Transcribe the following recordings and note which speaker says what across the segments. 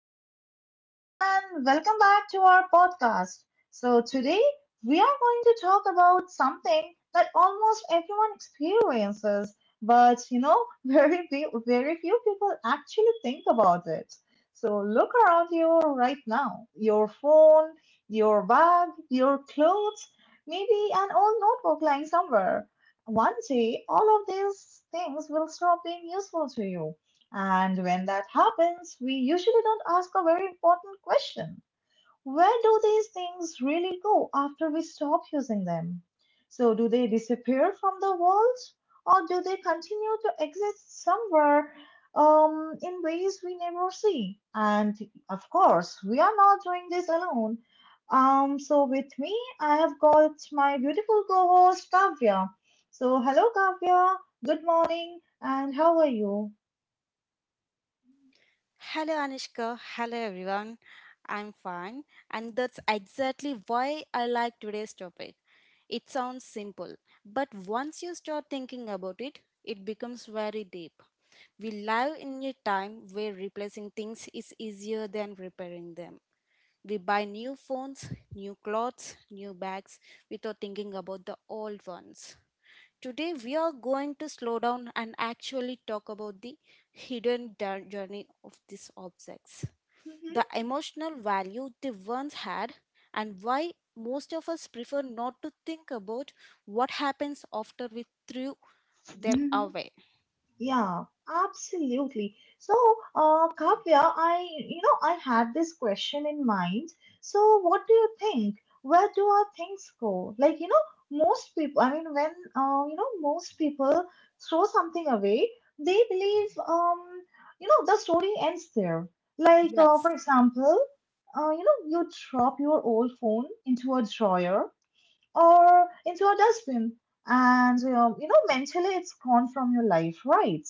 Speaker 1: Hello, everyone, and welcome back to our podcast. So, today we are going to talk about something that almost everyone experiences, but you know, very few people actually think about it. So, look around you right now, your phone, your bag, your clothes, maybe an old notebook lying somewhere. One day, all of these things will stop being useful to you, and when that happens, we usually don't ask a very important question. Where do these things really go after we stop using them? So, do they disappear from the world or do they continue to exist somewhere, in ways we never see? And of course, we are not doing this alone. So, with me, I have got my beautiful co host, Kavya. So, hello, Kavya. Good morning, and how are you?
Speaker 2: Hello, Anushka. Hello, everyone. I'm fine, and that's exactly why I like today's topic. It sounds simple, but once you start thinking about it, it becomes very deep. We live in a time where replacing things is easier than repairing them. We buy new phones, new clothes, new bags without thinking about the old ones. Today, we are going to slow down and actually talk about the journey of these objects, the emotional value they once had, and why most of us prefer not to think about what happens after we threw them
Speaker 1: Mhm.
Speaker 2: away.
Speaker 1: Yeah, absolutely. So, Kavya, I had this question in mind. So, what do you think? Where do our things go? Like, you know, most people, I mean, when most people throw something away, they believe, the story ends there. Like,
Speaker 2: Yes.
Speaker 1: for example, you drop your old phone into a drawer or into a dustbin, and you know, mentally it's gone from your life, right?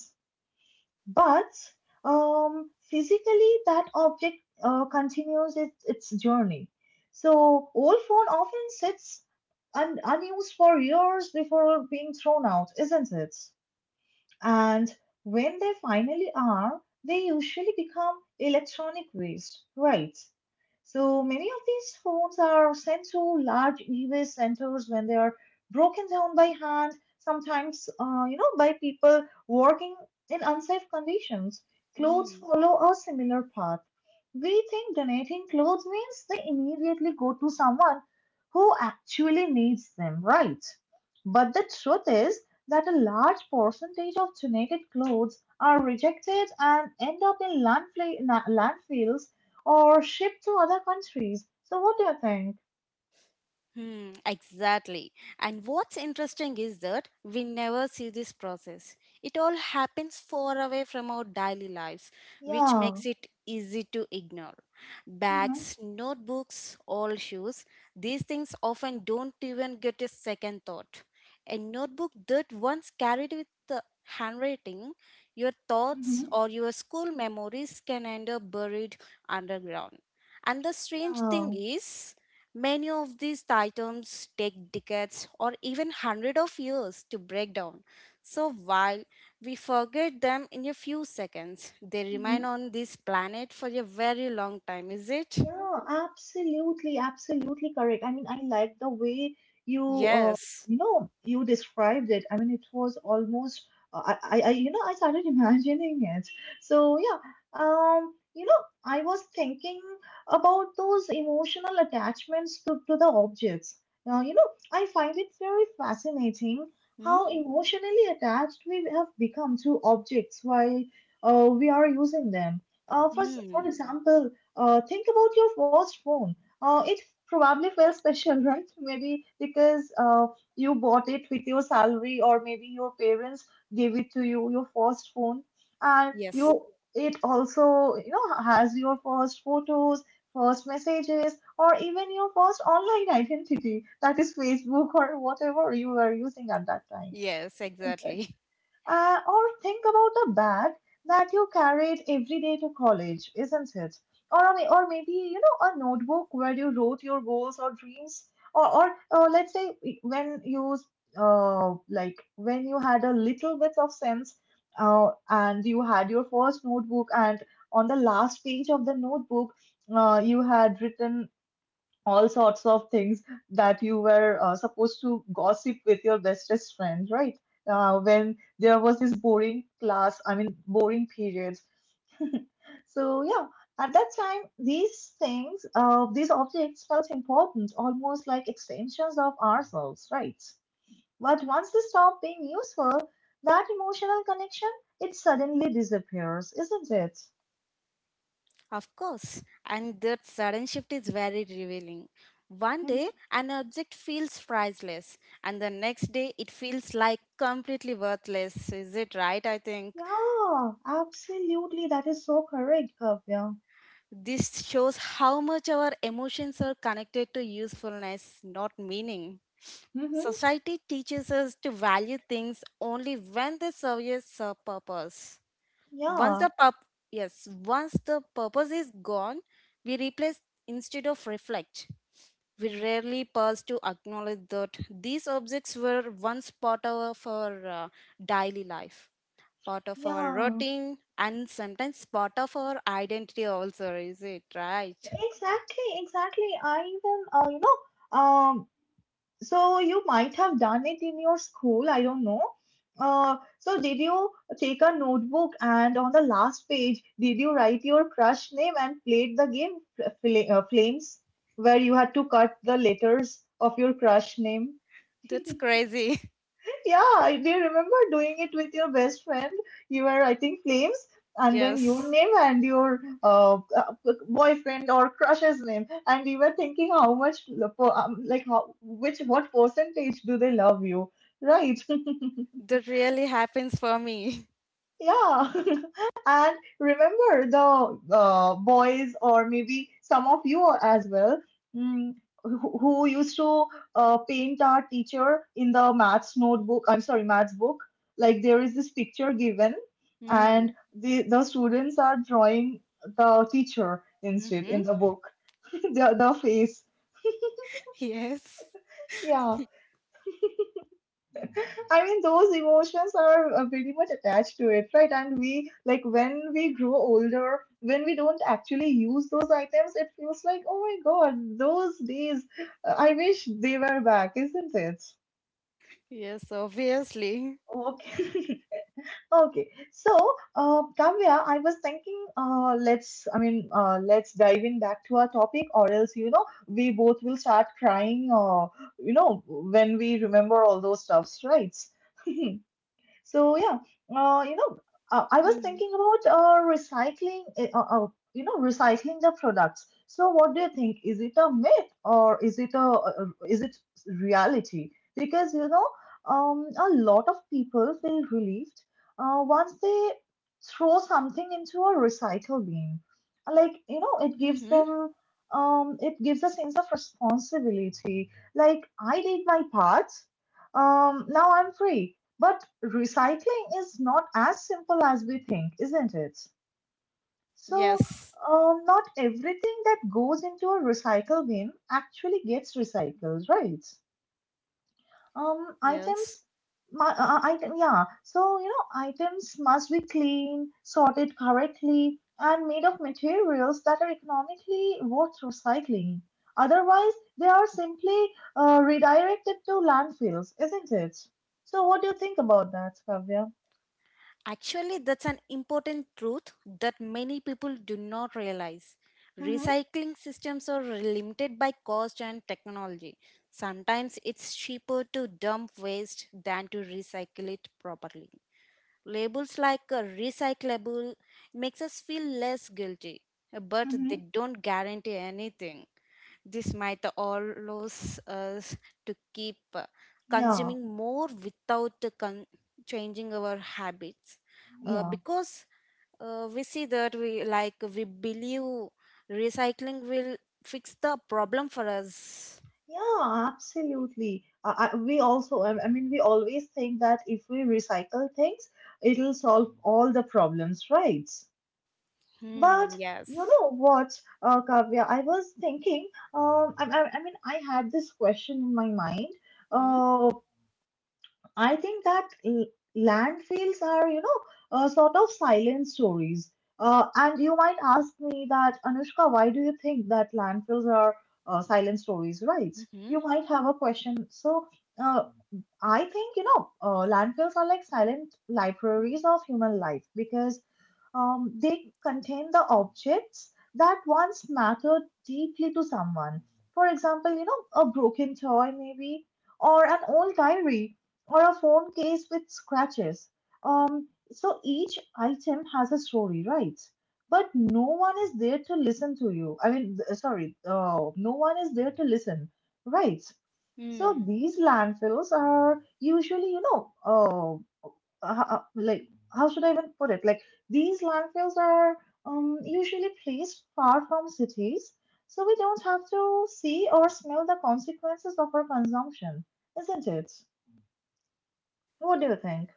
Speaker 1: But physically that object continues its journey. So old phone often sits unused for years before being thrown out, isn't it? And when they finally are, they usually become electronic waste, right? So many of these phones are sent to large e-waste centers, when they are broken down by hand, sometimes, by people working in unsafe conditions. Clothes
Speaker 2: Hmm.
Speaker 1: follow a similar path. We think donating clothes means they immediately go to someone who actually needs them, right? But the truth is that a large percentage of donated clothes are rejected and end up in landfills or shipped to other countries. So what do you think?
Speaker 2: Hmm, exactly. And what's interesting is that we never see this process. It all happens far away from our daily lives, which
Speaker 1: Yeah.
Speaker 2: makes it easy to ignore.
Speaker 1: Mm-hmm.
Speaker 2: Bags, notebooks, old shoes, these things often don't even get a second thought. A notebook that once carried with the handwriting, your thoughts
Speaker 1: Mm-hmm.
Speaker 2: or your school memories can end up buried underground. And the strange
Speaker 1: Yeah.
Speaker 2: thing is, many of these items take decades or even hundreds of years to break down. So while we forget them in a few seconds, they
Speaker 1: Mm-hmm.
Speaker 2: remain on this planet for a very long time, is it?
Speaker 1: Yeah, absolutely, absolutely correct. I mean, I like the way you, uh,
Speaker 2: Yes.
Speaker 1: you described it. I mean, it was almost, I started imagining it. So, I was thinking about those emotional attachments to the objects. Now, you know, I find it very fascinating
Speaker 2: Hmm?
Speaker 1: how emotionally attached we have become to objects while we are using them. Uh, for, s-
Speaker 2: Hmm.
Speaker 1: for example, think about your first phone. It probably felt special, right? Maybe because you bought it with your salary, or maybe your parents gave it to you, your first phone. And
Speaker 2: Yes.
Speaker 1: you, it also, you know, has your first photos, first messages, or even your first online identity, that is Facebook or whatever you were using at that time.
Speaker 2: Yes, exactly.
Speaker 1: Or think about the bag that you carried every day to college, isn't it? Or maybe, you know, a notebook where you wrote your goals or dreams. Or let's say when like, when you had a little bit of sense and you had your first notebook, and on the last page of the notebook, you had written all sorts of things that you were supposed to gossip with your bestest friend, right? When there was this boring class, I mean, boring periods. So, yeah, at that time, these things, these objects felt important, almost like extensions of ourselves, right? But once they stop being useful, that emotional connection, it suddenly disappears, isn't it?
Speaker 2: Of course. And that sudden shift is very revealing. One
Speaker 1: Hmm.
Speaker 2: day, an object feels priceless, and the next day, it feels like completely worthless. Is it right? I think.
Speaker 1: Yeah, absolutely. That is so correct, Kavya.
Speaker 2: This shows how much our emotions are connected to usefulness, not meaning.
Speaker 1: Mhm.
Speaker 2: Society teaches us to value things only when they serve us a purpose. Once
Speaker 1: Yeah,
Speaker 2: the purp- yes, once the purpose is gone, we replace instead of reflect. We rarely pause to acknowledge that these objects were once part of our daily life, part of our
Speaker 1: yeah,
Speaker 2: routine, and sometimes part of our identity, also, is it right?
Speaker 1: exactly, exactly. I even, know, um, so you might have done it in your school, I don't know. So, did you take a notebook and on the last page, did you write your crush name and played the game Flames, where you had to cut the letters of your crush name?
Speaker 2: That's crazy.
Speaker 1: Yeah, I do remember doing it with your best friend. You were writing flames and then your
Speaker 2: Yes,
Speaker 1: name and your boyfriend or crush's name, and you were thinking how much, like how which what percentage do they love you, right?
Speaker 2: that really happens for me.
Speaker 1: Yeah, and remember the boys, or maybe some of you as well, mm, who used to paint our teacher in the maths notebook. I'm sorry, maths book. Like there is this picture given,
Speaker 2: Mm.
Speaker 1: and the students are drawing the teacher instead
Speaker 2: Mm-hmm.
Speaker 1: in the book, the face.
Speaker 2: Yes,
Speaker 1: Yeah, I mean, those emotions are pretty much attached to it, right? And we, like, when we grow older, when we don't actually use those items, it feels like, oh my God, those days, I wish they were back, isn't it?
Speaker 2: yes, obviously.
Speaker 1: Okay. Okay. So, Kavya, I was thinking, let's dive in back to our topic, or else, you know, we both will start crying, you know, when we remember all those stuffs, right? So yeah, uh, you know, I was
Speaker 2: Mm.
Speaker 1: thinking about recycling the products. So what do you think? Is it a myth or is it a is it reality? Because you know, a lot of people feel relieved once they throw something into a recycle bin. Like you know, it gives
Speaker 2: Mm-hmm.
Speaker 1: them. It gives a sense of responsibility. Like I did my part, um, now I'm free, but recycling is not as simple as we think, isn't it? So,
Speaker 2: Yes,
Speaker 1: not everything that goes into a recycle bin actually gets recycled, right? Um,
Speaker 2: yes.
Speaker 1: items, my, uh, uh, item, yeah. So, you know, items must be clean, sorted correctly, and made of materials that are economically worth recycling. Otherwise, they are simply redirected to landfills, isn't it? So, what do you think about that, Kavya?
Speaker 2: Actually, that's an important truth that many people do not realize.
Speaker 1: Mm-hmm.
Speaker 2: Recycling systems are limited by cost and technology. Sometimes it's cheaper to dump waste than to recycle it properly. Labels like recyclable makes us feel less guilty, but
Speaker 1: Mm-hmm.
Speaker 2: they don't guarantee anything. This might allows us to keep
Speaker 1: Yeah,
Speaker 2: consuming more without changing our habits,
Speaker 1: yeah,
Speaker 2: because we see that we like we believe recycling will fix the problem for us.
Speaker 1: yeah, absolutely. We also, I mean, we always think that if we recycle things, it'll solve all the problems, right? But
Speaker 2: Hmm,
Speaker 1: you
Speaker 2: yes.
Speaker 1: know what, Kavya, I was thinking, I had this question in my mind.
Speaker 2: Hmm?
Speaker 1: Uh. I think that landfills are, you know, sort of silent stories. And you might ask me that, Anushka, why do you think that landfills are silent stories, right?
Speaker 2: Mm-hmm.
Speaker 1: You might have a question. So, uh, I think, you know, landfills are like silent libraries of human life, because they contain the objects that once mattered deeply to someone. For example, you know, a broken toy, maybe, or an old diary, or a phone case with scratches. So each item has a story, right? But no one is there to listen to you. I mean, sorry, no one is there to listen, right? So
Speaker 2: Mm.
Speaker 1: these landfills are usually, you know, like how should I even put it? Like these landfills are usually placed far from cities, so we don't have to see or smell the consequences of our consumption, isn't it? What do you think?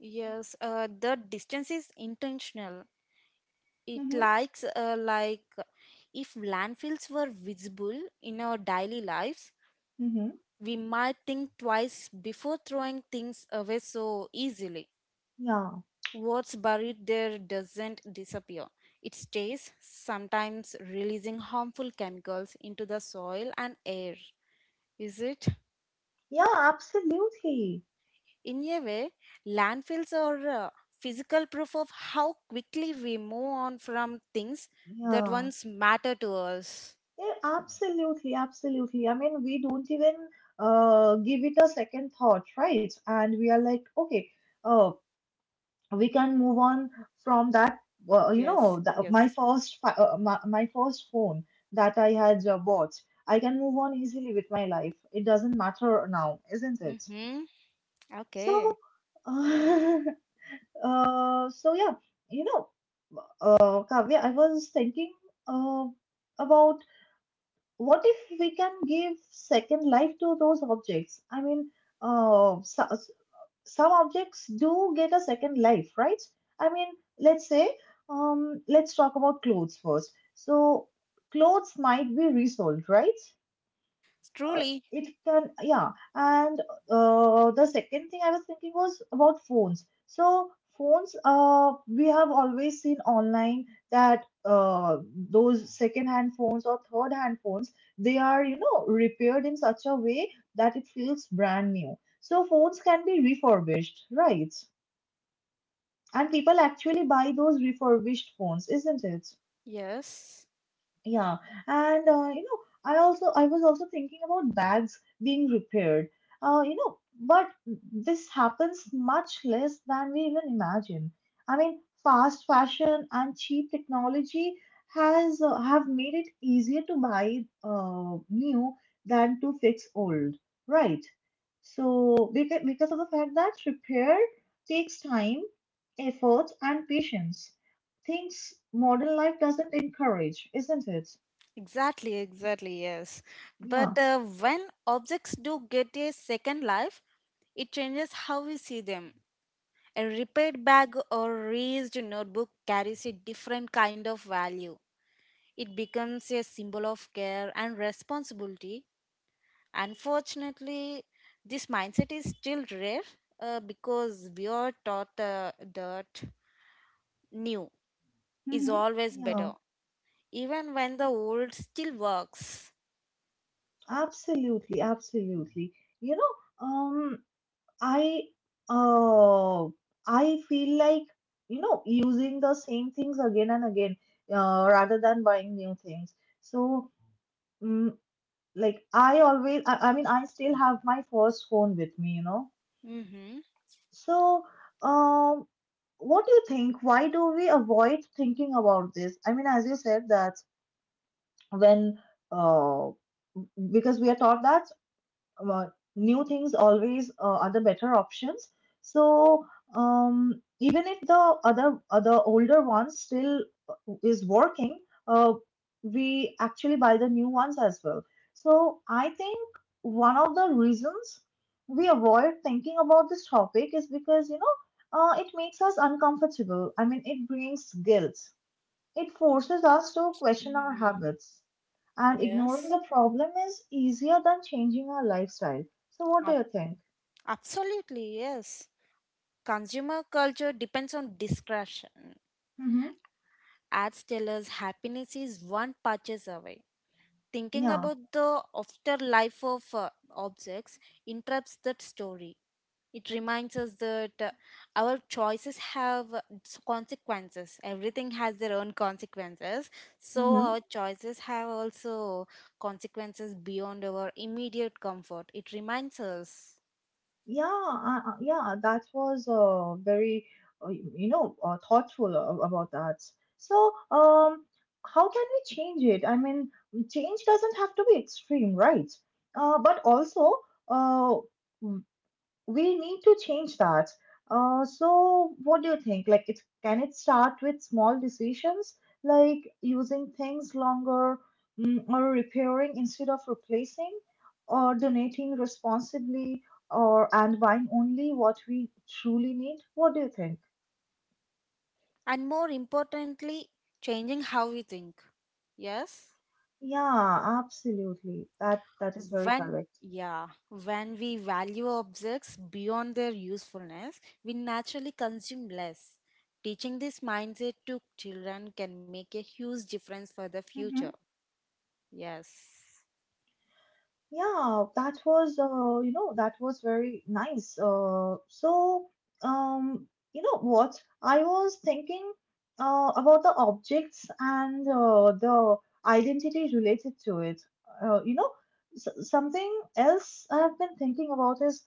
Speaker 2: Yes, the distance is intentional. It
Speaker 1: Mm-hmm.
Speaker 2: likes like if landfills were visible in our daily lives,
Speaker 1: Mm-hmm.
Speaker 2: we might think twice before throwing things away so easily.
Speaker 1: Yeah.
Speaker 2: What's buried there doesn't disappear. It stays, sometimes releasing harmful chemicals into the soil and air. Is it?
Speaker 1: Yeah. Absolutely.
Speaker 2: In a way, landfills are physical proof of how quickly we move on from things that
Speaker 1: Yeah.
Speaker 2: once matter to us.
Speaker 1: Yeah. Absolutely. Absolutely. I mean, we don't even give it a second thought, right? And we are like, okay. Uh, we can move on from that. Well, you
Speaker 2: Yes,
Speaker 1: know, the, my
Speaker 2: yes.
Speaker 1: first fi- my, my first phone that I had bought, I can move on easily with my life, it doesn't matter now, isn't it?
Speaker 2: Mm-hmm.
Speaker 1: So,
Speaker 2: Okay.
Speaker 1: uh, so yeah, you know, Kavya, I was thinking uh, about what if we can give second life to those objects. I mean, uh, so, some objects do get a second life, right? I mean, let's say, let's talk about clothes first. So, clothes might be resold, right? Uh,
Speaker 2: Truly,
Speaker 1: it can, yeah. And the second thing I was thinking was about phones. So, phones, we have always seen online that those second-hand phones or third-hand phones, they are, you know, repaired in such a way that it feels brand new. So, phones can be refurbished, right? And people actually buy those refurbished phones, isn't it?
Speaker 2: yes.
Speaker 1: Yeah, and you know, I was also thinking about bags being repaired. You know, but this happens much less than we even imagine. I mean, fast fashion and cheap technology has have made it easier to buy new than to fix old, right? So because of the fact that repair takes time, effort, and patience, things modern life doesn't encourage, isn't it?
Speaker 2: Exactly, exactly, yes.
Speaker 1: Yeah.
Speaker 2: But when objects do get a second life, it changes how we see them. A repaired bag or raised notebook carries a different kind of value. It becomes a symbol of care and responsibility. Unfortunately, this mindset is still rare because we are taught that new is
Speaker 1: Mm-hmm.
Speaker 2: always
Speaker 1: Yeah.
Speaker 2: better, even when the old still works.
Speaker 1: Absolutely. Absolutely. You know, I uh, I feel like, you know, using the same things again and again, rather than buying new things. So, mm, like I always, I mean, I still have my first phone with me. You know.
Speaker 2: Mm-hmm.
Speaker 1: So, um, what do you think? Why do we avoid thinking about this? I mean, as you said that when uh because we are taught that uh, new things always are the better options. So, even if the other older one still uh, is working, uh, we actually buy the new ones as well. So I think one of the reasons we avoid thinking about this topic is because it makes us uncomfortable. I mean, it brings guilt. It forces us to question our
Speaker 2: Mm-hmm.
Speaker 1: habits, and ignoring
Speaker 2: Yes,
Speaker 1: the problem is easier than changing our lifestyle. So, what do you
Speaker 2: ab-
Speaker 1: think?
Speaker 2: absolutely, yes. Consumer culture depends on discretion.
Speaker 1: Mm-hmm.
Speaker 2: Ads tell us happiness is one purchase away. Thinking
Speaker 1: Yeah.
Speaker 2: about the afterlife of objects interrupts that story. It reminds us that our choices have consequences. Everything has their own consequences. So,
Speaker 1: Mm-hmm.
Speaker 2: our choices have also consequences beyond our immediate comfort. It reminds us.
Speaker 1: Yeah. That was very, thoughtful about that. So, how can we change it? I mean, change doesn't have to be extreme, right? But also, uh, we need to change that. So what do you think? Like, it can it start with small decisions, like using things longer, or repairing instead of replacing, or donating responsibly, or and buying only what we truly need? What do you think?
Speaker 2: And more importantly, changing how we think. Yes?
Speaker 1: Yeah, absolutely. That is very
Speaker 2: When,
Speaker 1: correct.
Speaker 2: yeah, when we value objects beyond their usefulness, we naturally consume less. Teaching this mindset to children can make a huge difference for the future.
Speaker 1: Mm-hmm.
Speaker 2: Yes.
Speaker 1: Yeah, that was very nice. So um, you know what? I was thinking about the objects and the identity related to it. You know, s something else I've been thinking about is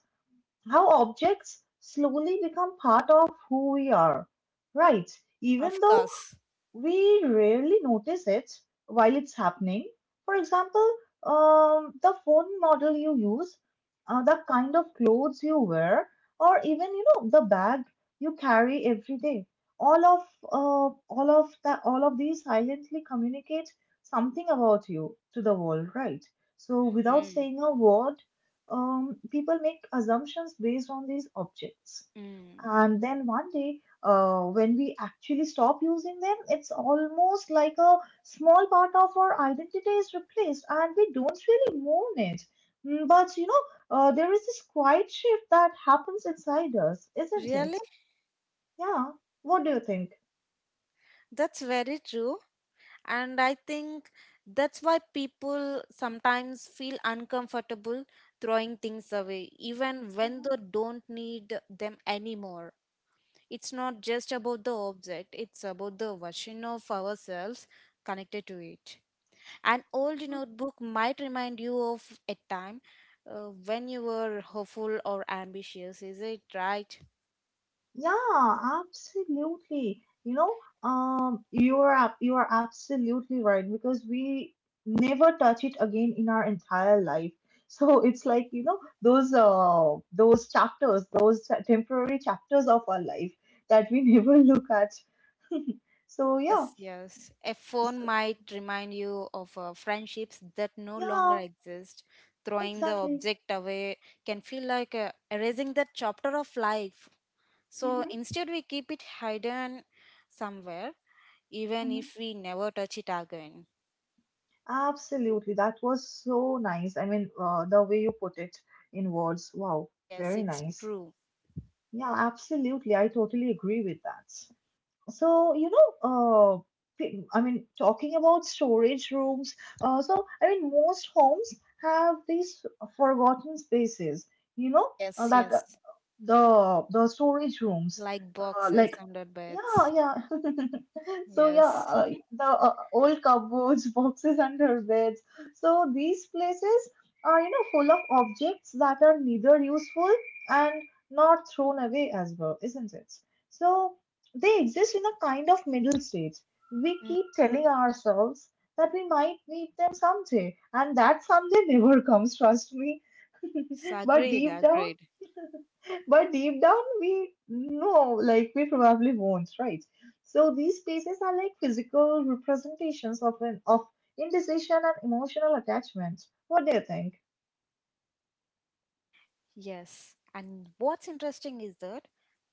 Speaker 1: how objects slowly become part of who we are, right? Even
Speaker 2: Of
Speaker 1: though
Speaker 2: course.
Speaker 1: we rarely notice it while it's happening. For example, the phone model you use, the kind of clothes you wear, or even the bag you carry every day. All of all of that all of these silently communicate something about you to the world, right? So without saying a word, people make assumptions based on these objects.
Speaker 2: Mm.
Speaker 1: And then one day, when we actually stop using them, it's almost like a small part of our identity is replaced and we don't really mourn it. But there is this quiet shift that happens inside us, isn't it?
Speaker 2: Really,
Speaker 1: Yeah. What do you think?
Speaker 2: that's very true. And I think that's why people sometimes feel uncomfortable throwing things away, even when they don't need them anymore. It's not just about the object, it's about the version of ourselves connected to it. An old notebook might remind you of a time when you were hopeful or ambitious, is it right?
Speaker 1: Yeah, absolutely. You are absolutely right, because we never touch it again in our entire life. So it's like, those chapters, those temporary chapters of our life that we never look at. So yeah,
Speaker 2: Yes, yes. A phone
Speaker 1: so,
Speaker 2: might remind you of friendships that no longer
Speaker 1: yeah,
Speaker 2: exist. Throwing the
Speaker 1: exactly.
Speaker 2: object away can feel like erasing that chapter of life. So
Speaker 1: hmm
Speaker 2: instead, we keep it hidden somewhere, even
Speaker 1: hmm
Speaker 2: if we never touch it again.
Speaker 1: Absolutely. That was so nice. I mean, the way you put it in words. Wow,
Speaker 2: Yes,
Speaker 1: very
Speaker 2: it's
Speaker 1: nice.
Speaker 2: true.
Speaker 1: Yeah, absolutely. I totally agree with that. So, I mean, talking about storage rooms, so I mean, most homes have these forgotten spaces, you know,
Speaker 2: Yes,
Speaker 1: that
Speaker 2: yes.
Speaker 1: the storage rooms,
Speaker 2: Like boxes
Speaker 1: like,
Speaker 2: under
Speaker 1: yeah,
Speaker 2: beds.
Speaker 1: yeah, so yeah
Speaker 2: Yes.
Speaker 1: uh, the old cupboards, boxes under beds. So these places are full of objects that are neither useful and not thrown away as well, isn't it? So they exist in a kind of middle stage. We keep telling ourselves that we might need them someday, and that someday never comes, trust me.
Speaker 2: So
Speaker 1: but
Speaker 2: agreed,
Speaker 1: deep down
Speaker 2: agreed.
Speaker 1: but deep down we know, like, we probably won't, right? So these spaces are like physical representations of indecision and emotional attachment. What do you think?
Speaker 2: Yes, and what's interesting is that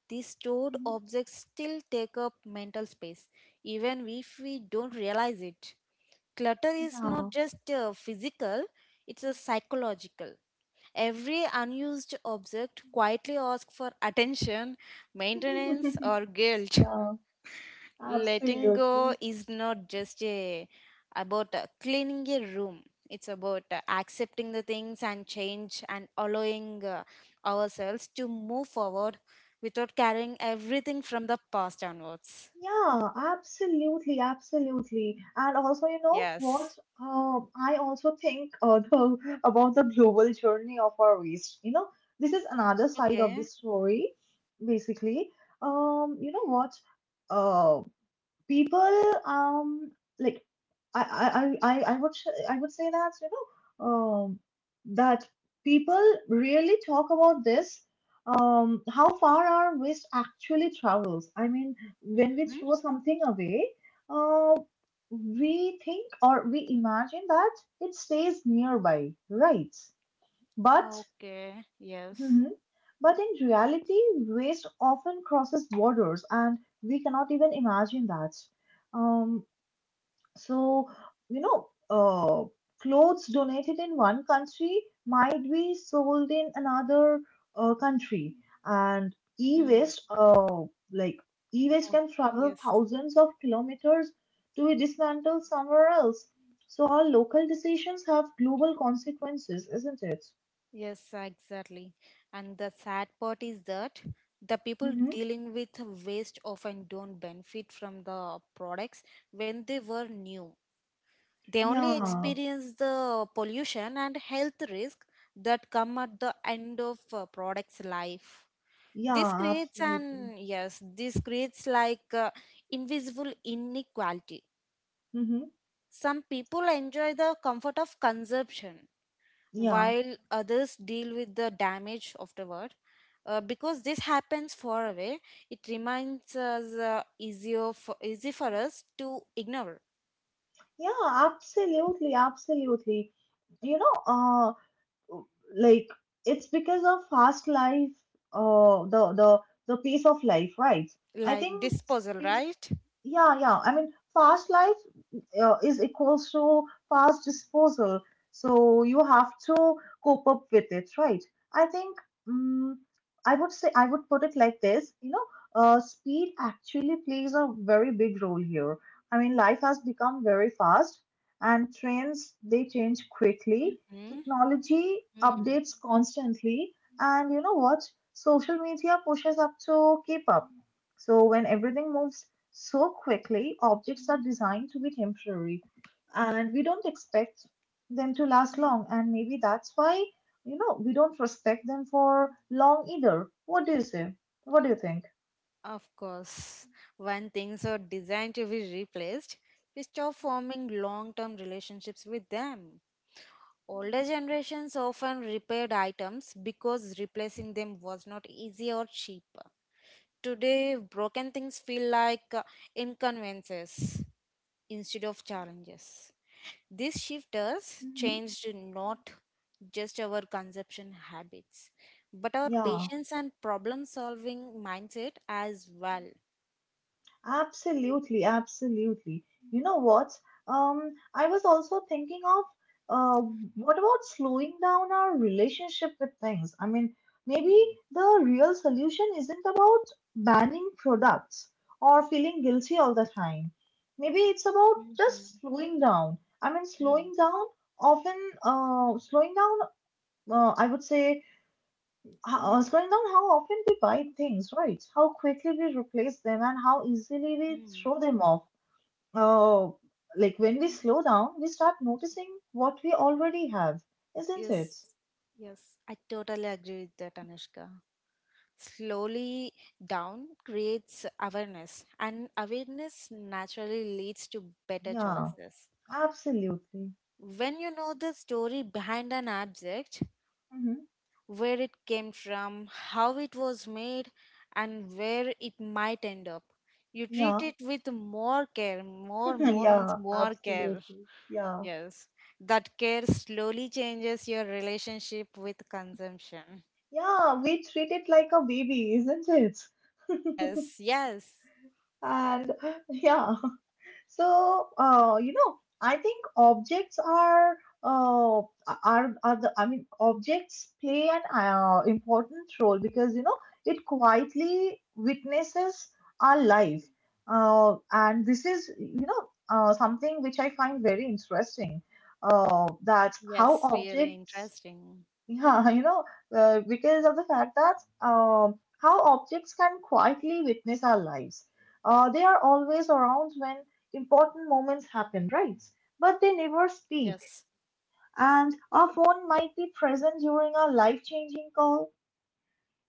Speaker 2: these stored
Speaker 1: Mhm.
Speaker 2: objects still take up mental space, even if we don't realize it. Clutter is not just physical, it's a psychological. Every unused object quietly asks for attention,
Speaker 1: Yeah,
Speaker 2: maintenance, or guilt.
Speaker 1: yeah,
Speaker 2: Letting go
Speaker 1: absolutely.
Speaker 2: is not just a, about cleaning a room, it's about accepting the things and change and allowing ourselves to move forward without carrying everything from the past onwards.
Speaker 1: Yeah, absolutely, absolutely. And also, you know what?
Speaker 2: Yes.
Speaker 1: I also think, about the global journey of our waste. This is another side of the
Speaker 2: Okay.
Speaker 1: story, basically. You know what? Uh, people like I would say that that people really talk about this, how far our waste actually travels. I mean, when we throw
Speaker 2: Mm-hmm.
Speaker 1: something away, uh, we think, or we imagine, that it stays nearby, right? But
Speaker 2: Okay. Yes.
Speaker 1: Mhm. But in reality, waste often crosses borders, and we cannot even imagine that. Um, so, you know, uh, clothes donated in one country might be sold in another country, and
Speaker 2: Mm.
Speaker 1: like e-waste
Speaker 2: Oh,
Speaker 1: can travel
Speaker 2: yes.
Speaker 1: thousands of kilometers to be dismantled somewhere else. So, our local decisions have global consequences, isn't it?
Speaker 2: Yes, exactly. And the sad part is that the people
Speaker 1: Mm-hmm.
Speaker 2: dealing with waste often don't benefit from the products when they were new. They only
Speaker 1: Yeah,
Speaker 2: experience the pollution and health risk that come at the end of a product's life. This
Speaker 1: yeah,
Speaker 2: creates
Speaker 1: absolutely.
Speaker 2: an yes, this creates like invisible inequality.
Speaker 1: Mm-hmm.
Speaker 2: Some people enjoy the comfort of consumption
Speaker 1: Yeah,
Speaker 2: while others deal with the damage afterward. Because this happens far away, it reminds us easy for us to ignore,
Speaker 1: yeah, absolutely, absolutely. You know, uh, like, it's because of fast life, uh the the the pace of life, right? I think
Speaker 2: like disposal,
Speaker 1: speed.
Speaker 2: right?
Speaker 1: Yeah, yeah. I mean, fast life is equals to fast disposal. So you have to cope up with it, right? I think, um, I would put it like this, speed actually plays a very big role here. I mean, life has become very fast, and trends, they change quickly.
Speaker 2: Mhm.
Speaker 1: Technology
Speaker 2: Mm.
Speaker 1: updates constantly, and you know what? Social media pushes up to keep up. So when everything moves so quickly, objects are designed to be temporary and we don't expect them to last long. And maybe that's why, we don't respect them for long either. What do you say? What do you think?
Speaker 2: Of course, when things are designed to be replaced, we stop forming long term relationships with them. Older generations often repaired items because replacing them was not easy or cheap. Today, broken things feel like inconveniences instead of challenges. This shift has
Speaker 1: Mhm.
Speaker 2: changed not just our consumption habits, but our
Speaker 1: Yeah.
Speaker 2: patience and problem solving mindset as well.
Speaker 1: Absolutely, absolutely. You know what? I was also thinking of, uh, what about slowing down our relationship with things? I mean, maybe the real solution isn't about banning products or feeling guilty all the time. Maybe it's about
Speaker 2: Hmm.
Speaker 1: just slowing down. I mean,
Speaker 2: Mm,
Speaker 1: slowing down often, slowing down, I would say, how slowing down how often we buy things, right? How quickly we replace them and how easily we
Speaker 2: mm.
Speaker 1: throw them off. Oh, like, when we slow down, we start noticing what we already have, isn't it?
Speaker 2: Yes, yes, I totally agree with that, Anushka. Slowly down creates awareness, and awareness naturally leads to better
Speaker 1: Yeah,
Speaker 2: choices.
Speaker 1: absolutely.
Speaker 2: When you know the story behind an object,
Speaker 1: Hmm.
Speaker 2: where it came from, how it was made, and where it might end up, you treat
Speaker 1: Yeah,
Speaker 2: it with more care. More, more means
Speaker 1: yeah,
Speaker 2: more care.
Speaker 1: absolutely. Yeah,
Speaker 2: Yes. That care slowly changes your relationship with consumption.
Speaker 1: yeah, we treat it like a baby, isn't it?
Speaker 2: Yes, yes,
Speaker 1: And yeah. So, I think objects uh, are the I mean, objects play an important role, because it quietly witnesses our life, and this is something which I find very interesting. That how
Speaker 2: yes, really
Speaker 1: objects
Speaker 2: interesting.
Speaker 1: Yeah, because of the fact that, um, how objects can quietly witness our lives. They are always around when important moments happen, right? But they never speak.
Speaker 2: Yes.
Speaker 1: And our phone might be present during a life-changing call.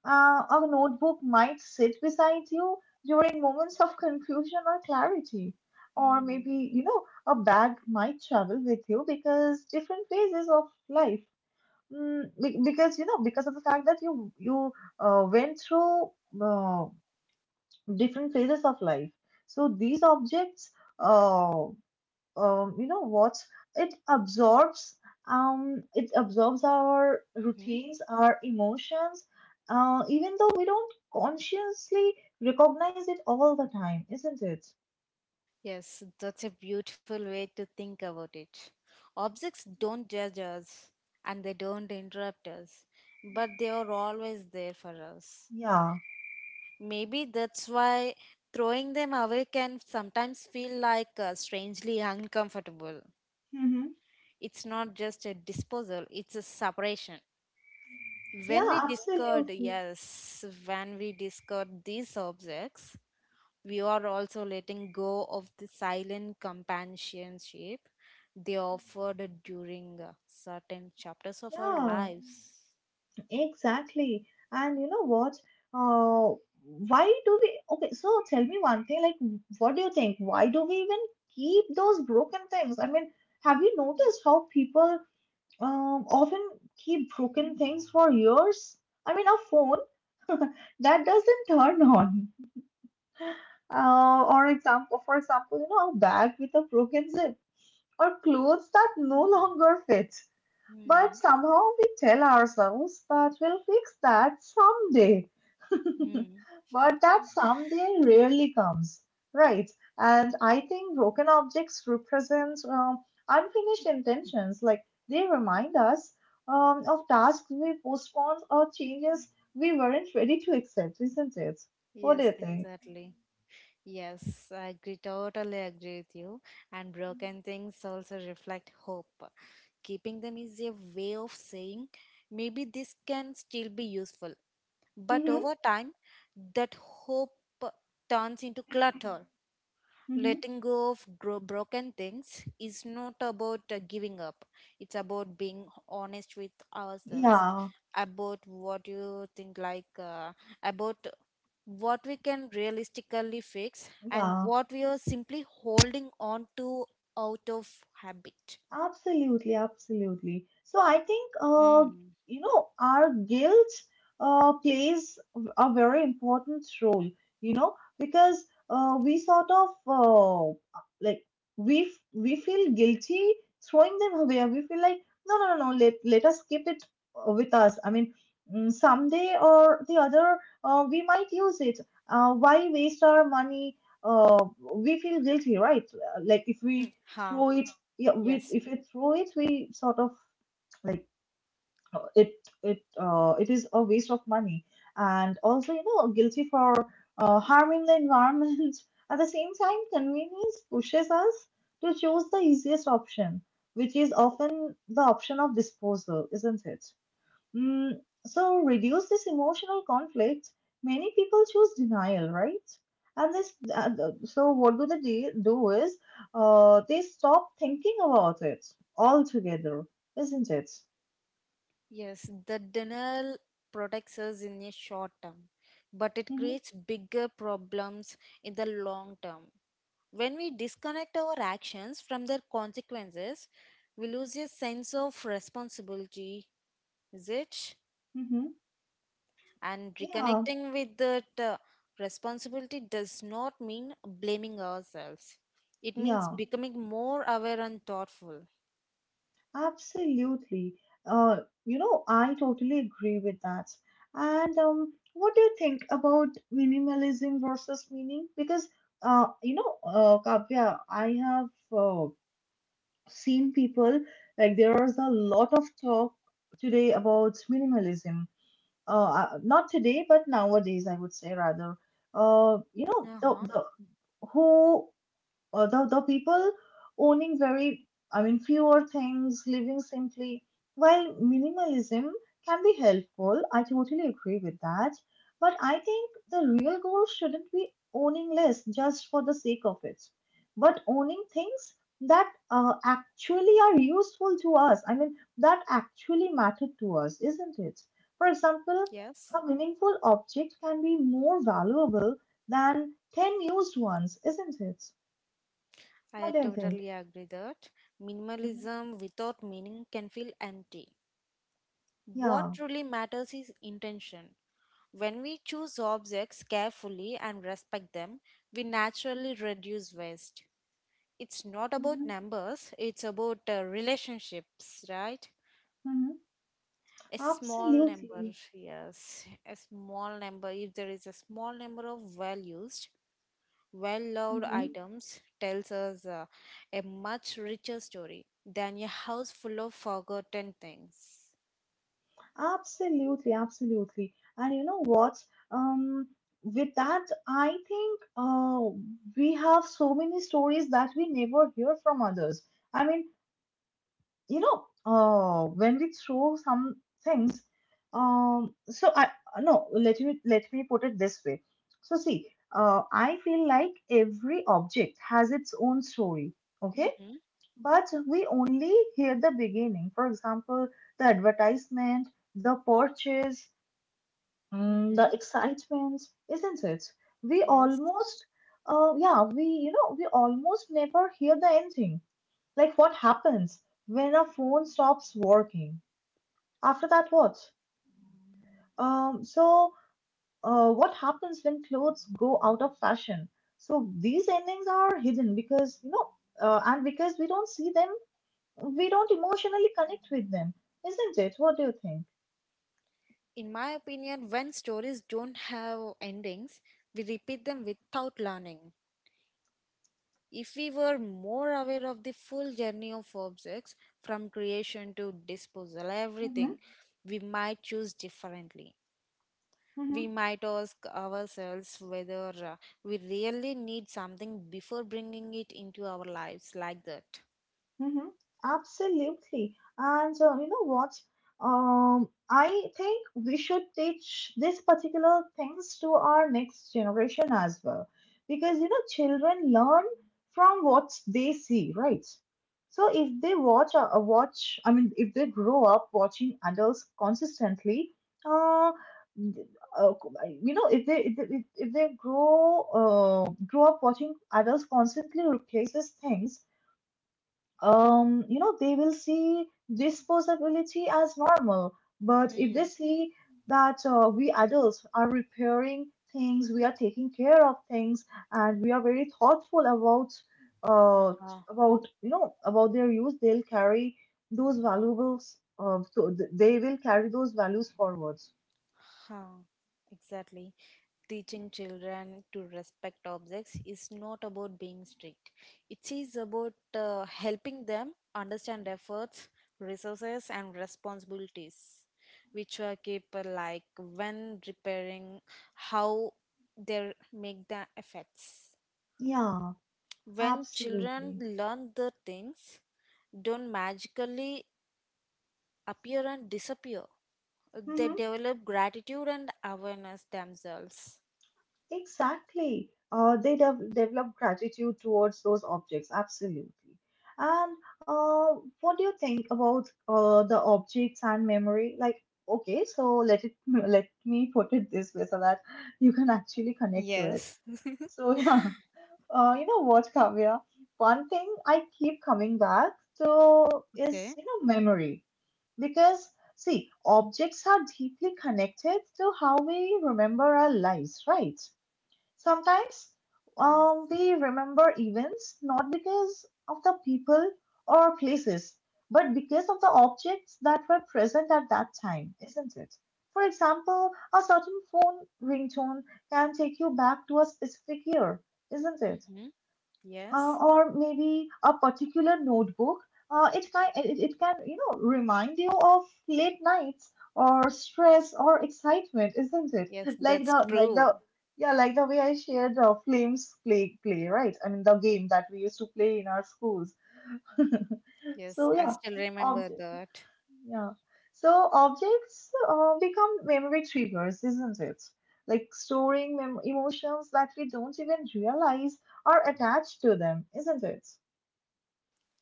Speaker 1: Our notebook might sit beside you during moments of confusion or clarity. Or
Speaker 2: Mm-hmm.
Speaker 1: maybe, a bag might travel with you because different phases of life. Because because of the fact that you went through uh, different phases of life. So these objects, uh, you know what it absorbs, it absorbs our routines, our emotions, even though we don't consciously recognize it all the time, isn't it?
Speaker 2: Yes, that's a beautiful way to think about it. Objects don't judge us and they don't interrupt us, but they are always there for us.
Speaker 1: Yeah.
Speaker 2: Maybe that's why throwing them away can sometimes feel like strangely uncomfortable.
Speaker 1: Hmm.
Speaker 2: It's not just a disposal, it's a separation. When we
Speaker 1: Yeah,
Speaker 2: discard,
Speaker 1: absolutely.
Speaker 2: yes, when we discard these objects, we are also letting go of the silent companionship they offered during certain chapters of our
Speaker 1: Yeah,
Speaker 2: lives.
Speaker 1: exactly. And you know what? Uh, why do we? Okay, so tell me one thing. Like, what do you think? Why do we even keep those broken things? I mean, have you noticed how people, often keep broken things for years? I mean, a phone that doesn't turn on. For example, a bag with a broken zip, or clothes that no longer fit. But
Speaker 2: Mm,
Speaker 1: somehow we tell ourselves that we'll fix that someday.
Speaker 2: mm.
Speaker 1: But that someday rarely comes, right? And I think broken objects represent, unfinished intentions. Like, they remind us, of tasks we postponed or changes we weren't ready to accept, isn't it? What do
Speaker 2: Yes,
Speaker 1: you think?
Speaker 2: exactly. Yes, I agree, totally agree with you. And broken things also reflect hope. Keeping them is a way of saying maybe this can still be useful. But
Speaker 1: Hmm.
Speaker 2: over time, that hope turns into clutter.
Speaker 1: Hmm.
Speaker 2: Letting go of gro- broken things is not about giving up, it's about being honest with ourselves
Speaker 1: Yeah,
Speaker 2: about what you think like about what we can realistically fix and
Speaker 1: yeah.
Speaker 2: what we are simply holding on to out of habit.
Speaker 1: Absolutely, absolutely. So I think,
Speaker 2: Mm.
Speaker 1: our guilt plays a very important role, because we sort of, like, we feel guilty throwing them away. We feel like, no, no, no, no. Let us keep it with us. I mean, someday or the other, we might use it. Why waste our money? Uh, we feel guilty, right? Like, if
Speaker 2: Mm.
Speaker 1: we
Speaker 2: Ha.
Speaker 1: throw it, yeah, we
Speaker 2: Yes.
Speaker 1: if we throw it we sort of like, uh, it it is a waste of money, and also, guilty for harming the environment. At the same time, convenience pushes us to choose the easiest option, which is often the option of disposal, isn't it? Mm, so reduce this emotional conflict. Many people choose denial, right? And this, uh, so what do they do is, they stop thinking about it altogether, isn't it?
Speaker 2: Yes, the denial protects us in the short term, but it
Speaker 1: Mm-hmm.
Speaker 2: creates bigger problems in the long term. When we disconnect our actions from their consequences, we lose a sense of responsibility, is it?
Speaker 1: Mm-hmm.
Speaker 2: And
Speaker 1: Yeah,
Speaker 2: reconnecting with that responsibility does not mean blaming ourselves. It means
Speaker 1: yeah,
Speaker 2: becoming more aware and thoughtful.
Speaker 1: absolutely. I totally agree with that. And what do you think about minimalism versus meaning? Because Kavya, I have uh, seen people, like, there's a lot of talk today about minimalism, not today but nowadays, I would say rather, uh you know
Speaker 2: Uh
Speaker 1: the
Speaker 2: huh.
Speaker 1: the who the people owning very — I mean, fewer things, living simply. While minimalism can be helpful, I totally agree with that. But I think the real goal shouldn't be owning less just for the sake of it, but owning things that actually are useful to us. I mean, that actually matter to us, isn't it? For example,
Speaker 2: Yes.
Speaker 1: a meaningful object can be more valuable than 10 used ones, isn't it?
Speaker 2: I
Speaker 1: What do you think?
Speaker 2: totally agree that
Speaker 1: Mhm.
Speaker 2: minimalism without meaning can feel empty. What
Speaker 1: Yeah.
Speaker 2: truly matters is intention. When we choose objects carefully and respect them, we naturally reduce waste. It's not about
Speaker 1: Mhm.
Speaker 2: numbers, it's about relationships, right?
Speaker 1: Mhm.
Speaker 2: A small number,
Speaker 1: Absolutely.
Speaker 2: yes. A small number, if there is a small number of values, well-loved
Speaker 1: Mhm.
Speaker 2: items tells us a much richer story than a house full of forgotten things.
Speaker 1: Absolutely. Absolutely. And you know what? Um, with that, I think we have so many stories that we never hear from others. I mean, you know, when we throw some things, so I no, let me put it this way. So see, I feel like every object has its own story. Okay.
Speaker 2: Mm-hmm.
Speaker 1: But we only hear the beginning. For example, the advertisement, the purchase,
Speaker 2: Mm-hmm.
Speaker 1: the excitement, isn't it? We
Speaker 2: Yes.
Speaker 1: almost, yeah, we, you know, we almost never hear the ending. Like what happens when a phone stops working? After that, what? Um, so, what happens when clothes go out of fashion? So these endings are hidden because, you know, and because we don't see them we don't emotionally connect with them, isn't it? What do you think?
Speaker 2: In my opinion, when stories don't have endings, we repeat them without learning. If we were more aware of the full journey of objects from creation to disposal,
Speaker 1: Mm-hmm.
Speaker 2: everything, we might choose differently. We
Speaker 1: Mm-hmm.
Speaker 2: might ask ourselves whether we really need something before bringing it into our lives like that.
Speaker 1: Mm-hmm. Absolutely. And you know what? I think we should teach these particular things to our next generation as well. Because you know, children learn from what they see, right? So if they watch a watch, I mean, if they grow up watching adults consistently, uh, th- uh, you know, if they if they, if they grow grow up watching adults constantly replaces things you know, they will see this possibility as normal. But if they
Speaker 2: Mm.
Speaker 1: see that we adults are repairing things, we are taking care of things, and we are very thoughtful uh,
Speaker 2: Huh,
Speaker 1: about you know about their use, they'll carry those valuables. So they will carry those values forwards.
Speaker 2: huh, exactly. Teaching children to respect objects is not about being strict. It is about helping them understand efforts, resources, and responsibilities, which are keep like when repairing how they make the effects.
Speaker 1: Yeah,
Speaker 2: When children
Speaker 1: absolutely.
Speaker 2: learn the things don't magically appear and disappear, they
Speaker 1: Mhm.
Speaker 2: develop gratitude and awareness themselves.
Speaker 1: Exactly. They develop gratitude towards those objects, absolutely. And what do you think about the objects and memory? Like, okay, so let it let me put it this way so that you can actually connect to it.
Speaker 2: Yes.
Speaker 1: So yeah, you know what, Kavya? One thing I keep coming back to is
Speaker 2: Okay.
Speaker 1: you know memory because see, objects are deeply connected to how we remember our lives, right? Sometimes
Speaker 2: Yes.
Speaker 1: we remember events not because of the people or places, but because of the objects that were present at that time, isn't it? For example, a certain phone ringtone can take you back to a specific year, isn't it?
Speaker 2: Hmm. Yes.
Speaker 1: Or maybe a particular notebook. It can you know remind you of late nights or stress or excitement, isn't it?
Speaker 2: Yes,
Speaker 1: Like
Speaker 2: that's
Speaker 1: the like
Speaker 2: true.
Speaker 1: the yeah like the way I shared flames play play right. I mean the game that we used to play in our schools.
Speaker 2: Yes,
Speaker 1: So
Speaker 2: I
Speaker 1: yeah,
Speaker 2: still remember
Speaker 1: object.
Speaker 2: that.
Speaker 1: Yeah. So objects become memory triggers, isn't it? Like storing emotions that we don't even realize are attached to them, isn't it?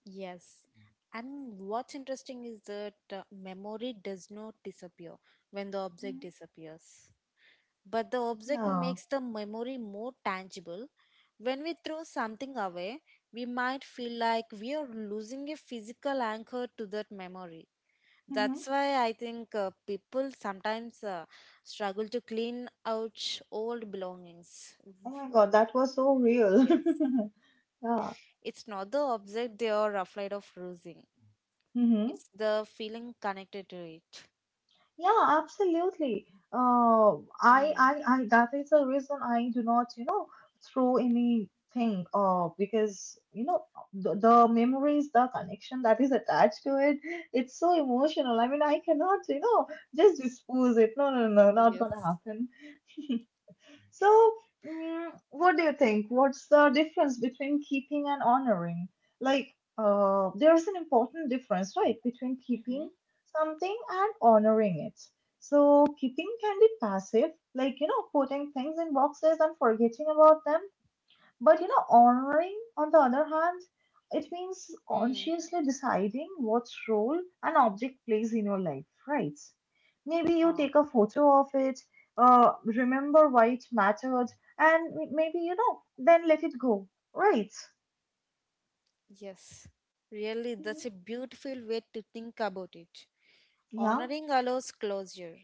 Speaker 2: Yes. And what's interesting is that memory does not disappear when the object
Speaker 1: Mhm.
Speaker 2: disappears. But the object
Speaker 1: Yeah.
Speaker 2: makes the memory more tangible. When we throw something away, we might feel like we are losing a physical anchor to that memory.
Speaker 1: Hmm.
Speaker 2: That's why I think people sometimes struggle to clean out old belongings.
Speaker 1: Oh my God, that was so real.
Speaker 2: Yes.
Speaker 1: Yeah.
Speaker 2: It's not the object they are afraid of losing,
Speaker 1: Hmm.
Speaker 2: it's the feeling connected to it.
Speaker 1: Yeah, absolutely. Uh,
Speaker 2: Mm.
Speaker 1: that is the reason I do not, you know, throw anything, because, you know, the memories, the connection that is attached to it, it's so emotional. I mean, I cannot, you know, just dispose it. No, no, no, not gonna
Speaker 2: Yes.
Speaker 1: happen. So, what do you think? What's the difference between keeping and honoring? Like, there's an important difference, right, between keeping
Speaker 2: Mm-hmm.
Speaker 1: something and honoring it. So, keeping can be passive, like, you know, putting things in boxes and forgetting about them, but you know, honoring, on the other hand, it means consciously deciding what role an object plays in your life, right? Maybe you
Speaker 2: Mm.
Speaker 1: take a photo of it, remember why it mattered, and maybe, you know, then let it go, right?
Speaker 2: Yes, really, that's
Speaker 1: Hmm.
Speaker 2: a beautiful way to think about it.
Speaker 1: Yeah,
Speaker 2: Honoring allows closure.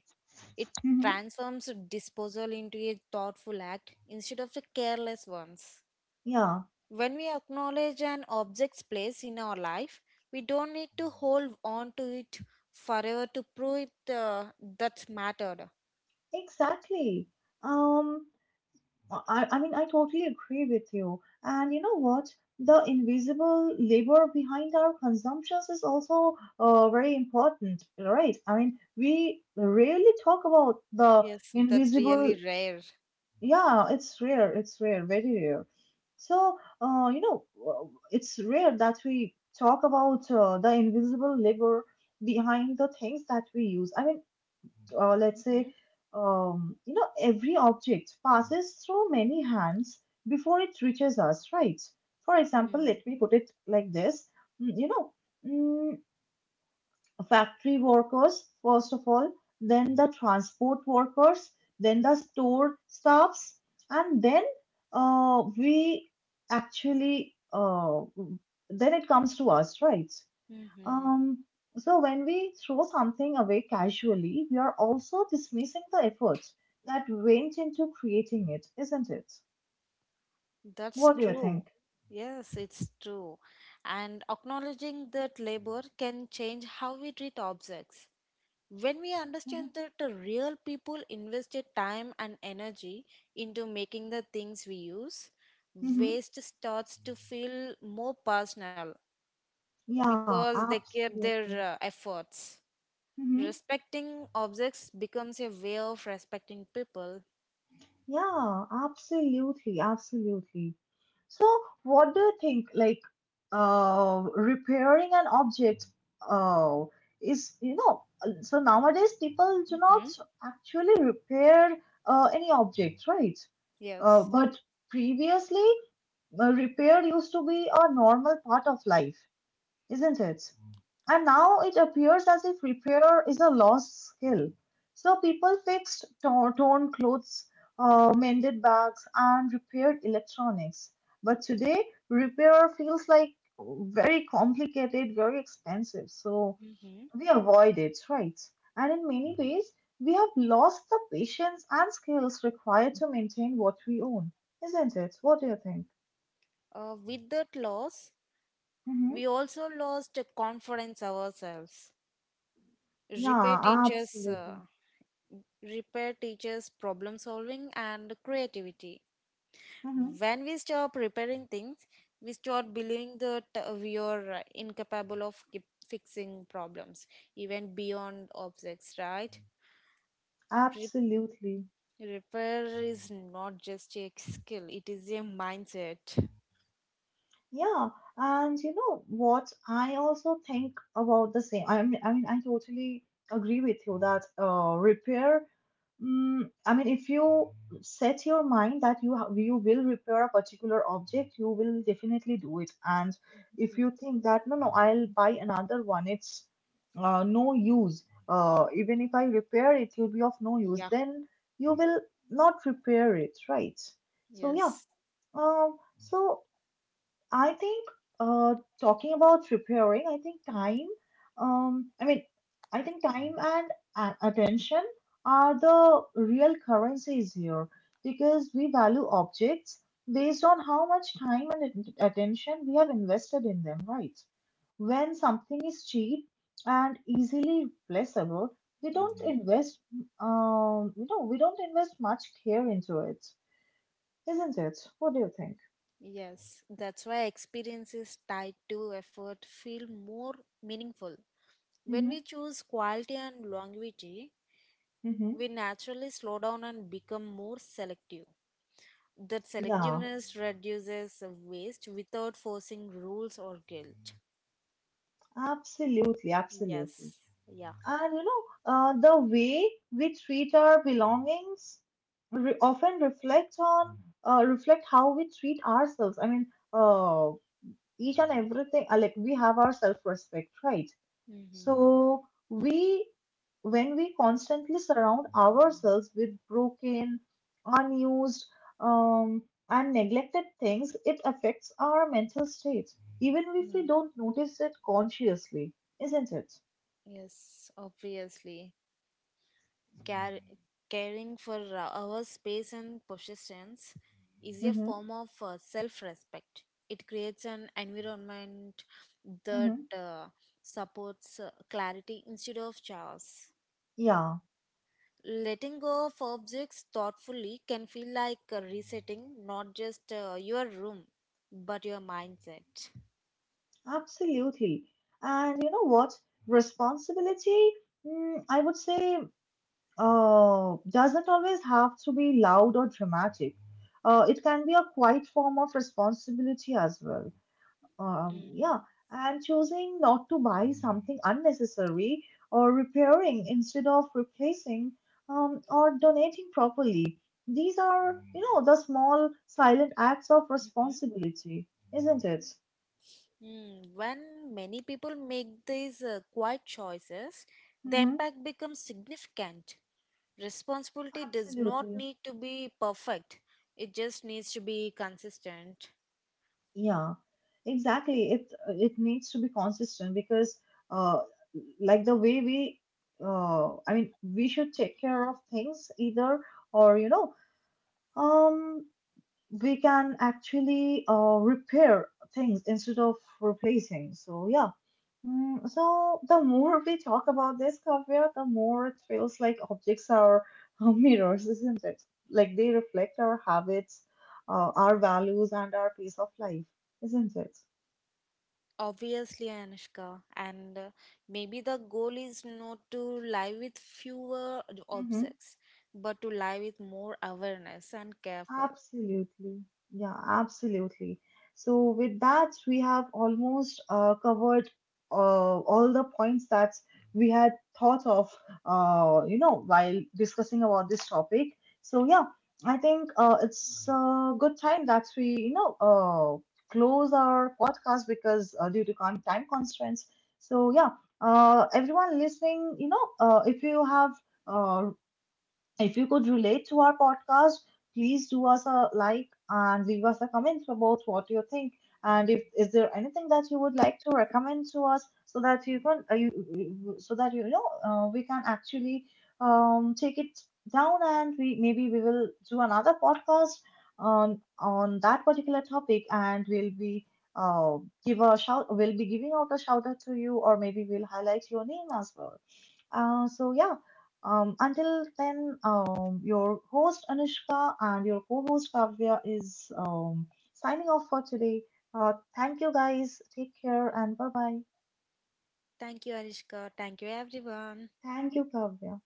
Speaker 2: It
Speaker 1: hmm,
Speaker 2: transforms disposal into a thoughtful act instead of the careless ones.
Speaker 1: yeah,
Speaker 2: When we acknowledge an object's place in our life, we don't need to hold on to it forever to prove it that mattered.
Speaker 1: exactly. Um, I mean, I totally agree with you. And you know what? The invisible labor behind our consumptions is also very important, right? I mean, we rarely talk about the
Speaker 2: Yes, that's
Speaker 1: invisible.
Speaker 2: really rare.
Speaker 1: Yeah, it's rare. It's rare, very rare. So, you know, it's rare that we talk about the invisible labor behind the things that we use. I mean, let's say, you know, every object passes through many hands before it reaches us, right? For example, let me put it like this. You know, mm, factory workers, first of all, then the transport workers, then the store staffs, and then uh, we actually, uh, then it comes to us, right?
Speaker 2: Mm-hmm.
Speaker 1: Um, so when we throw something away casually, we are also dismissing the effort that went into creating it, isn't it?
Speaker 2: That's
Speaker 1: What do you
Speaker 2: true.
Speaker 1: think?
Speaker 2: Yes, it's true. And acknowledging that labor can change how we treat objects. When we
Speaker 1: Mm-hmm.
Speaker 2: understand that the real people invested time and energy into making the things we use,
Speaker 1: Mm-hmm.
Speaker 2: waste starts to feel more personal
Speaker 1: Yeah,
Speaker 2: because they kept
Speaker 1: absolutely.
Speaker 2: their efforts.
Speaker 1: Mm-hmm.
Speaker 2: Respecting objects becomes a way of respecting people.
Speaker 1: Yeah, absolutely, absolutely. So, what do you think? Like, repairing an object, uh, is you know, so nowadays people do not
Speaker 2: Hmm.
Speaker 1: actually repair any object, right?
Speaker 2: Yes.
Speaker 1: But previously, repair used to be a normal part of life, isn't it? And now it appears as if repair is a lost skill. So people fixed torn clothes, mended bags, and repaired electronics. But today, repair feels like very complicated, very expensive. So
Speaker 2: Hmm.
Speaker 1: we avoid it, right? And in many ways, we have lost the patience and skills required to maintain what we own, isn't it? What do you think?
Speaker 2: With that loss,
Speaker 1: Hmm.
Speaker 2: we also lost confidence ourselves. Repair
Speaker 1: Yeah,
Speaker 2: teaches, uh,
Speaker 1: absolutely.
Speaker 2: Repair teaches problem solving and creativity.
Speaker 1: Mhm.
Speaker 2: When we stop repairing things, we start believing that we are incapable of keep fixing problems, even beyond objects, right? Re-
Speaker 1: Absolutely.
Speaker 2: Repair is not just a skill, it is a mindset.
Speaker 1: Yeah. And you know what? I also think about the same. I mean, I totally agree with you that repair. Mm, I mean, if you set your mind that you will repair a particular object, you will definitely do it. And if you think that no, no, I'll buy another one, it's no use. Even if I repair it, will be of no use.
Speaker 2: Yeah,
Speaker 1: Then you will not repair it, right? So yeah,
Speaker 2: yes.
Speaker 1: So I think talking about preparing, I think time, I mean, I think time and attention are the real currencies here because we value objects based on how much time and attention we have invested in them, right? When something is cheap and easily replaceable, we don't invest, you know, we don't invest much care into it, isn't it? What do you think?
Speaker 2: Yes, that's why experiences tied to effort feel more meaningful. When we
Speaker 1: Mm-hmm.
Speaker 2: choose quality and longevity,
Speaker 1: Mm-hmm.
Speaker 2: we naturally slow down and become more selective. That
Speaker 1: Yeah,
Speaker 2: selectiveness reduces waste without forcing rules or guilt.
Speaker 1: absolutely, absolutely.
Speaker 2: Yes, yeah.
Speaker 1: And you know, the way we treat our belongings re often reflect how we treat ourselves. I mean, uh, each and everything. Like we have our self-respect, right?
Speaker 2: Hmm.
Speaker 1: So we When we constantly surround ourselves with broken, unused, um, and neglected things, it affects our mental state, even if we don't notice it consciously, isn't it?
Speaker 2: Yes, obviously. Care, caring for our space and possessions is a
Speaker 1: Mm-hmm,
Speaker 2: form of self respect. It creates an environment
Speaker 1: mm-hmm.
Speaker 2: that supports clarity instead of chaos.
Speaker 1: Yeah,
Speaker 2: Letting go of objects thoughtfully can feel like resetting not just your room but your mindset.
Speaker 1: absolutely. And you know what? Responsibility, I would say doesn't always have to be loud or dramatic. It can be a quiet form of responsibility as well.
Speaker 2: Mhm.
Speaker 1: Yeah, and choosing not to buy something unnecessary or repairing instead of replacing, or donating properly. These are, you know, the small silent acts of responsibility, isn't it?
Speaker 2: Mm, when many people make these quiet choices, the
Speaker 1: Mm-hmm.
Speaker 2: impact becomes significant. Responsibility does not
Speaker 1: Absolutely.
Speaker 2: need to be perfect, it just needs to be consistent.
Speaker 1: Yeah, exactly. It needs to be consistent because, uh, like the way we, I mean, we should take care of things either, or you know, um, we can actually repair things instead of replacing. So yeah. Mm, so the more we talk about this, Kavya, the more it feels like objects are mirrors, isn't it? Like they reflect our habits, our values, and our pace of life, isn't it?
Speaker 2: Obviously, Anushka, and maybe the goal is not to live with fewer
Speaker 1: Mm-hmm.
Speaker 2: objects, but to live with more awareness and careful.
Speaker 1: Absolutely. Yeah, absolutely. So, with that, we have almost covered all the points that we had thought of, you know, while discussing about this topic. So, yeah, I think it's a good time that we, you know, close our podcast because due to time constraints. So, yeah, everyone listening, you know, uh, if you could relate to our podcast, please do us a like and leave us a comment about what you think. And if is there anything that you would like to recommend to us so that you can so that you know we can actually take it down and we maybe we will do another podcast on that particular topic and we'll be uh, give a shout we'll be giving out a shout out to you or maybe we'll highlight your name as well. So yeah, until then, your host Anushka and your co-host Kavya is signing off for today. Thank you guys. Take care and bye bye.
Speaker 2: Thank you, Anushka. Thank you, everyone.
Speaker 1: Thank you, Kavya.